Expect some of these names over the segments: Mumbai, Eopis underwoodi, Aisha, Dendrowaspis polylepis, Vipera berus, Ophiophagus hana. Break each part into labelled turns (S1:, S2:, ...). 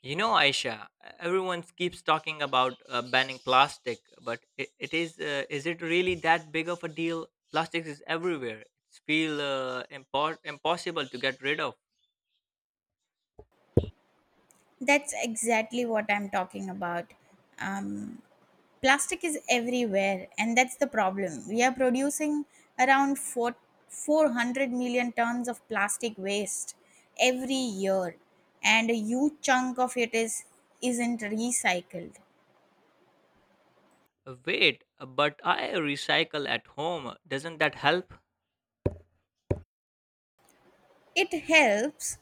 S1: You know, Aisha, everyone keeps talking about banning plastic, but it is it really that big of a deal? Plastics is everywhere. It's feel impossible to get rid of.
S2: That's exactly what I'm talking about. Um, Plastic is everywhere, and that's the problem. We are producing around four, 400 million tons of plastic waste every year, and a huge chunk of it isn't recycled.
S1: Wait, but I recycle at home. Doesn't that help?
S2: It helps,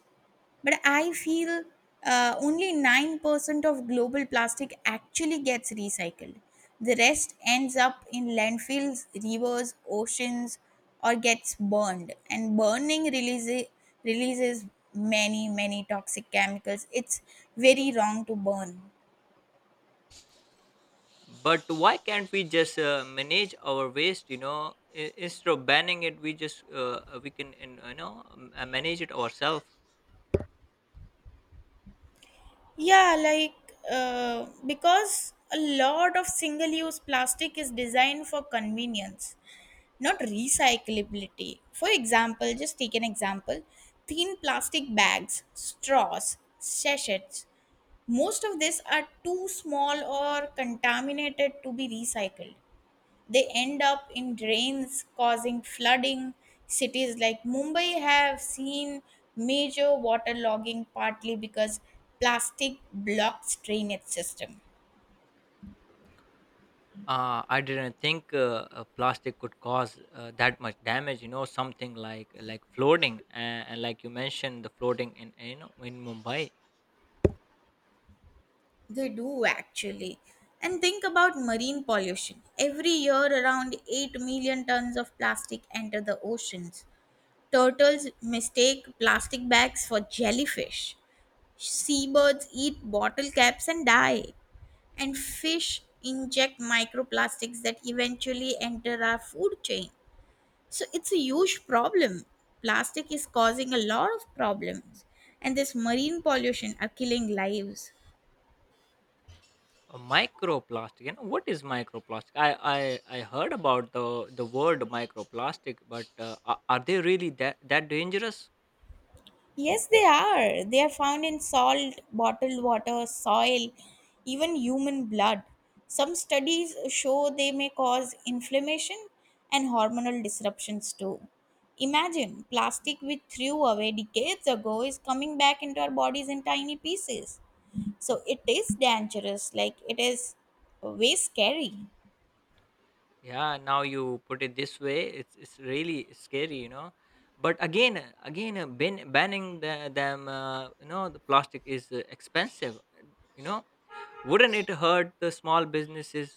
S2: but I feel only 9% of global plastic actually gets recycled. The rest ends up in landfills, rivers, oceans, or gets burned. And burning releases many toxic chemicals. It's very wrong to burn.
S1: But why can't we just manage our waste? You know, instead of banning it, we just we can manage it ourselves.
S2: Yeah, like because a lot of single use plastic is designed for convenience, not recyclability. For example, just take an example, thin plastic bags, straws, sachets. Most of these are too small or contaminated to be recycled. They end up in drains, causing flooding. Cities like Mumbai have seen major water logging partly because plastic blocks drainage system.
S1: I didn't think plastic could cause that much damage. You know, something like flooding, and like you mentioned, the flooding in in Mumbai.
S2: They do actually. And think about marine pollution. Every year, around 8 million tons of plastic enter the oceans. Turtles mistake plastic bags for jellyfish. Seabirds eat bottle caps and die. And fish inject microplastics that eventually enter our food chain. So it's a huge problem. Plastic is causing a lot of problems. And this marine pollution are killing lives.
S1: A microplastic. You know, what is microplastic? I heard about the word microplastic, but are they really that dangerous?
S2: Yes, they are. They are found in salt, bottled water, soil, even human blood. Some studies show they may cause inflammation and hormonal disruptions too. Imagine plastic we threw away decades ago is coming back into our bodies in tiny pieces. So it is dangerous, like it is way scary.
S1: Yeah, now you put it this way, it's really scary, you know. But again, banning you know, the plastic is expensive. You know, wouldn't it hurt the small businesses?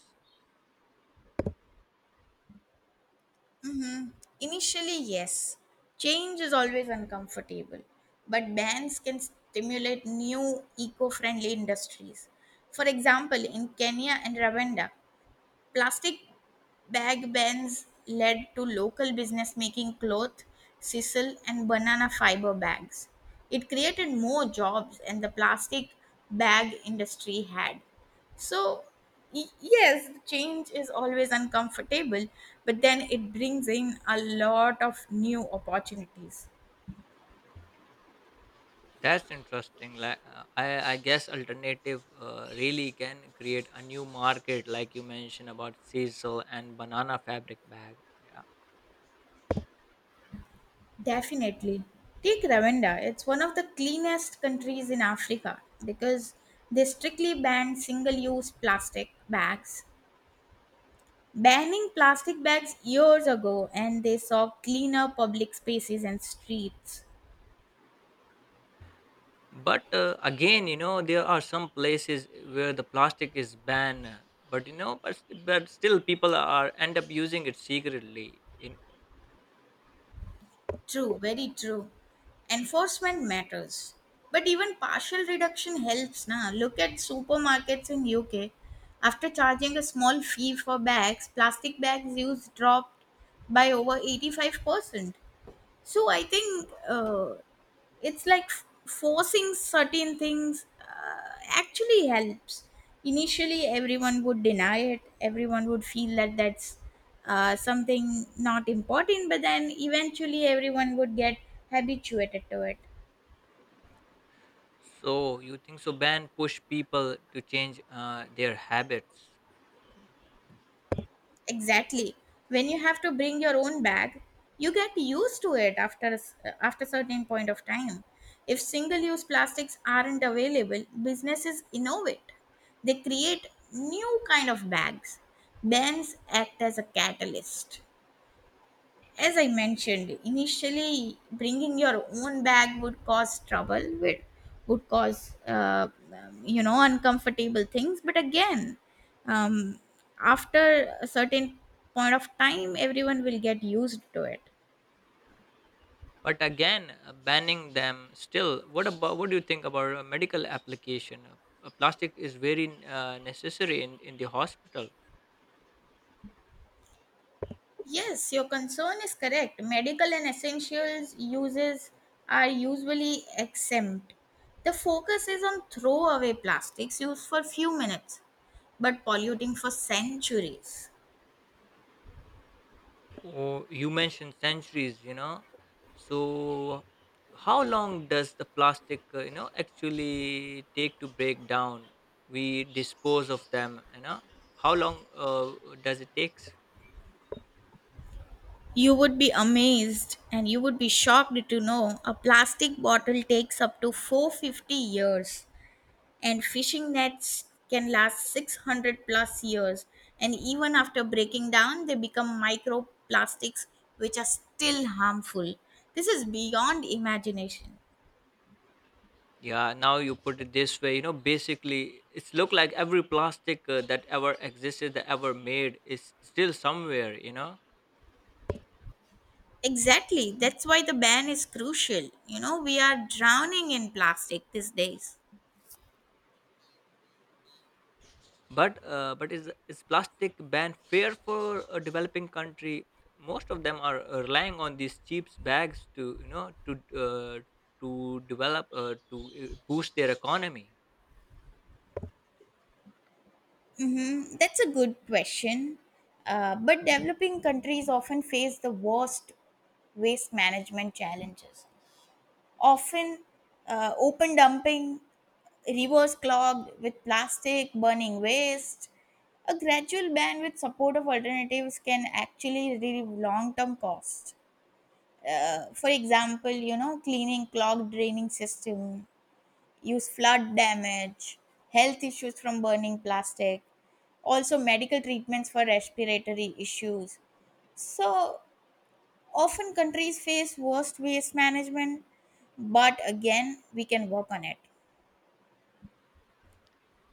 S2: Mm-hmm. Initially, yes. Change is always uncomfortable, but bans can stimulate new eco friendly industries. For example, in Kenya and Rwanda, plastic bag bans led to local business making cloth, sisal, and banana fiber bags. It created more jobs than the plastic bag industry had. So, yes, change is always uncomfortable, but then it brings in a lot of new opportunities.
S1: That's interesting. I guess alternative really can create a new market, like you mentioned about sisal and banana fabric bag. Yeah.
S2: Definitely. Take Rwanda. It's one of the cleanest countries in Africa because they strictly banned single use plastic bags. Banning plastic bags years ago, and they saw cleaner public spaces and streets.
S1: But again, you know, there are some places where the plastic is banned, but you know, but still people are end up using it secretly. In,
S2: True, very true. Enforcement matters. But even partial reduction helps na. Look at supermarkets in UK. After charging a small fee for bags, plastic bags use dropped by over 85%. So I think it's like forcing certain things actually helps. Initially, everyone would deny it. Everyone would feel that that's something not important, but then eventually everyone would get habituated to it.
S1: so you think so? Ban push people to change their habits,
S2: Exactly. When you have to bring your own bag, you get used to it after certain point of time. If single-use plastics aren't available, businesses innovate. They create new kind of bags. Bans act as a catalyst. As I mentioned, initially bringing your own bag would cause would cause, uncomfortable things. But again, um, after a certain point of time, everyone will get used to it.
S1: but again, banning them still. What do you think about a medical application? Plastic is very necessary in the hospital.
S2: Yes, your concern is correct. Medical and essentials uses are usually exempt. The focus is on throwaway plastics used for few minutes, but polluting for centuries.
S1: Oh, you mentioned centuries, you know. So, how long does the plastic, you know, actually take to break down? We dispose of them, you know. How long does it takes?
S2: You would be amazed and you would be shocked to know a plastic bottle takes up to 450 years, and fishing nets can last 600 plus years, and even after breaking down they become microplastics which are still harmful. This is beyond imagination.
S1: Yeah, now you put it this way, you know. Basically, it's look like every plastic that ever existed, that ever made, is still somewhere, you know.
S2: Exactly, that's why the ban is crucial. You know, we are drowning in plastic these days.
S1: But but is plastic ban fair for a developing country? Most of them are relying on these cheap bags to you know uh, to develop to boost their economy.
S2: Mm-hmm. That's a good question. But developing countries often face the worst waste management challenges. Often, open dumping, rivers clogged with plastic, burning waste. A gradual ban with support of alternatives can actually relieve long term costs. For example, you know, cleaning clogged draining system, use flood damage, health issues from burning plastic, also medical treatments for respiratory issues. So often countries face worst waste management, but again, we can work on it.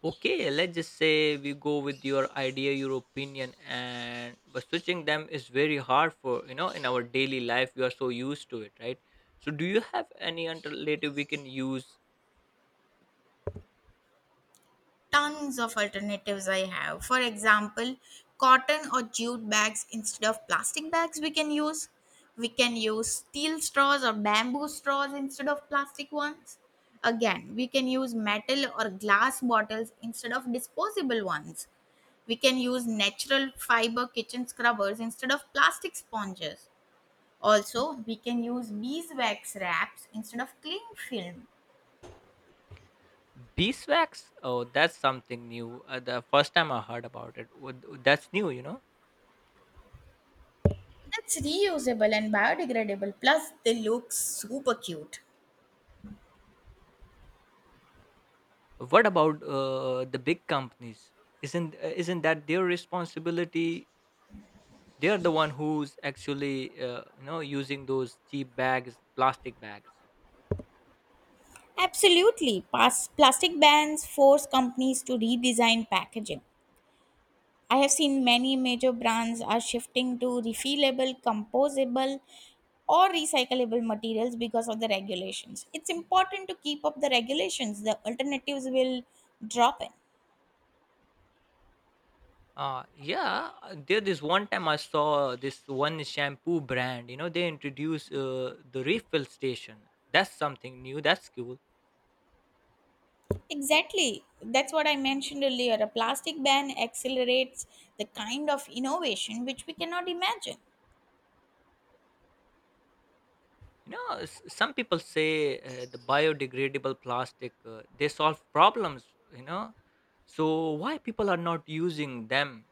S1: Okay, let's just say we go with your idea, your opinion, and but switching them is very hard for you know in our daily life. We are so used to it, right? So, do you have any alternative we can use?
S2: Tons of alternatives I have. For example, cotton or jute bags instead of plastic bags we can use. We can use steel straws or bamboo straws instead of plastic ones. Again, we can use metal or glass bottles instead of disposable ones. We can use natural fiber kitchen scrubbers instead of plastic sponges. Also, we can use beeswax wraps instead of cling film.
S1: Beeswax? Oh, that's something new. The first time I heard about it, that's new. You know.
S2: It's reusable and biodegradable, plus, they look super cute.
S1: What about the big companies? Isn't that their responsibility? They are the one who's actually you know using those cheap bags, plastic bags.
S2: Absolutely. Plastic bans force companies to redesign packaging. I have seen many major brands are shifting to refillable, composable, or recyclable materials because of the regulations. It's important to keep up the regulations, the alternatives will drop in.
S1: Yeah, there this one time I saw this one shampoo brand, you know, they introduced the refill station. That's something new, that's cool.
S2: Exactly. That's what I mentioned earlier. A plastic ban accelerates the kind of innovation which we cannot imagine.
S1: You know, some people say the biodegradable plastic, they solve problems, you know. So why people are not using them?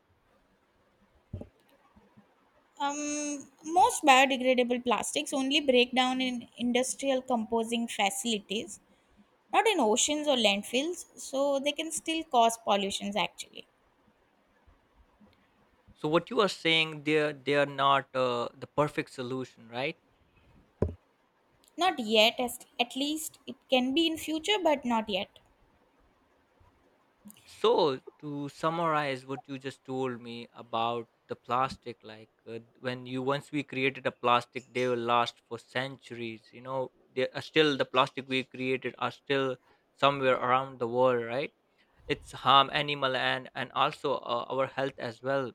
S2: Most biodegradable plastics only break down in industrial composing facilities, not in oceans or landfills, so they can still cause pollutions actually.
S1: So what you are saying, they're not the perfect solution, right?
S2: Not yet, as at least it can be in future, but not yet.
S1: So, to summarize what you just told me about the plastic, like when you once we created a plastic, they will last for centuries. You know, they are still the plastic we created are still somewhere around the world, right? It's harm animal and also our health as well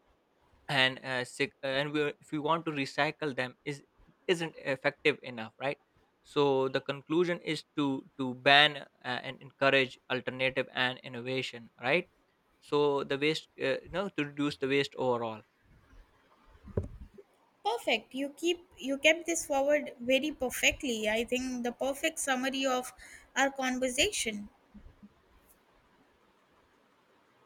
S1: and sick, and we, if we want to recycle them is isn't effective enough, right? So the conclusion is to ban and encourage alternative and innovation, right? So the waste you know to reduce the waste overall.
S2: Perfect. You kept this forward very perfectly. I think the perfect summary of our conversation.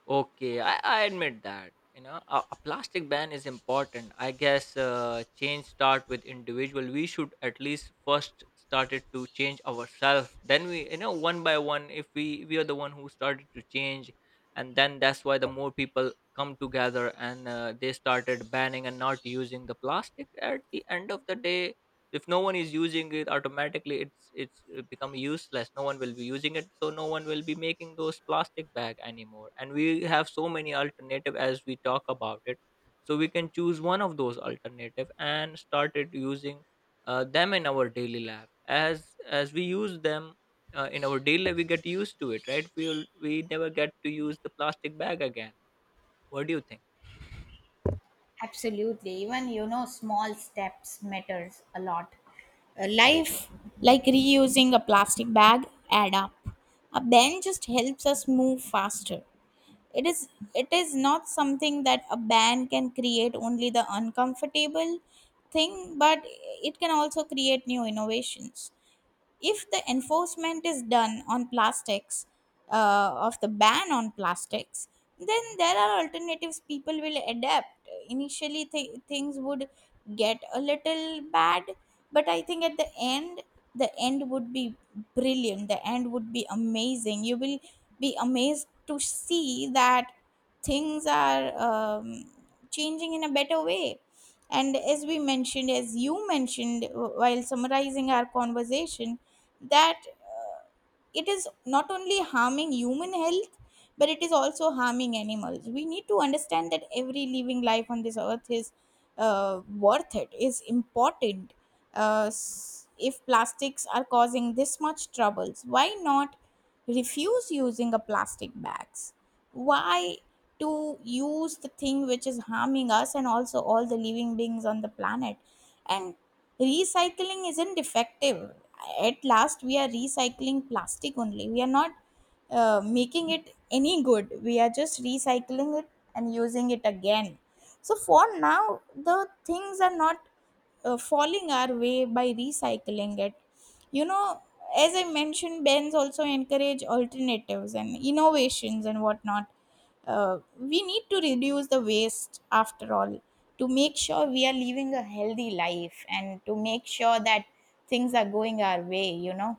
S1: Okay, I admit that. You know, a plastic ban is important. I guess change start with individual. We should at least first started to change ourselves. Then we, you know, one by one, if we are the one who started to change, and then that's why the more people come together and they started banning and not using the plastic. At the end of the day, if no one is using it automatically it's become useless, no one will be using it, so no one will be making those plastic bag anymore, and we have so many alternative as we talk about it, so we can choose one of those alternative and started using them in our daily life as we use them in our daily life we get used to it, right? We never get to use the plastic bag again. What do you think?
S2: Absolutely. Even, you know, small steps matters a lot. Uh, life, like reusing a plastic bag, add up. A ban just helps us move faster. It is it is not something that a ban can create only the uncomfortable thing, but it can also create new innovations if the enforcement is done on plastics of the ban on plastics. Then there are alternatives people will adapt. Initially things would get a little bad, but I think at the end would be brilliant. The end would be amazing. You will be amazed to see that things are changing in a better way. And as you mentioned while summarizing our conversation that it is not only harming human health, but it is also harming animals. We need to understand that every living life on this earth is worth, it is important. If plastics are causing this much troubles, why not refuse using a plastic bags? Why to use the thing which is harming us and also all the living beings on the planet? And recycling isn't defective. At last we are recycling plastic only, we are not making it any good. We are just recycling it and using it again. So for now the things are not falling our way by recycling it, you know. As I mentioned, bans also encourage alternatives and innovations and whatnot. We need to reduce the waste after all, to make sure we are living a healthy life and to make sure that things are going our way, you know.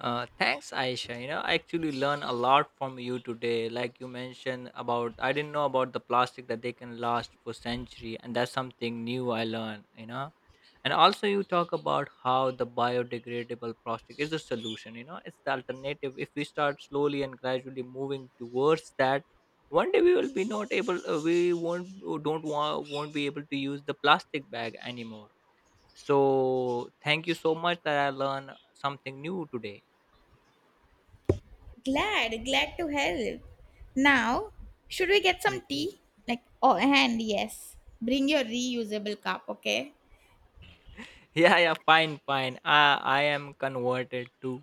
S1: Thanks, Aisha. You know, I actually learned a lot from you today. Like you mentioned about, I didn't know about the plastic that they can last for century, and that's something new I learned. You know, and also you talk about how the biodegradable plastic is the solution. You know, it's the alternative. If we start slowly and gradually moving towards that, one day we will be not able. We won't don't want won't be able to use the plastic bag anymore. So thank you so much that I learned something new today.
S2: Glad to help. Now, should we get some tea? Like, oh, and yes, bring your reusable cup, okay?
S1: yeah, yeah, fine, fine, I am converted to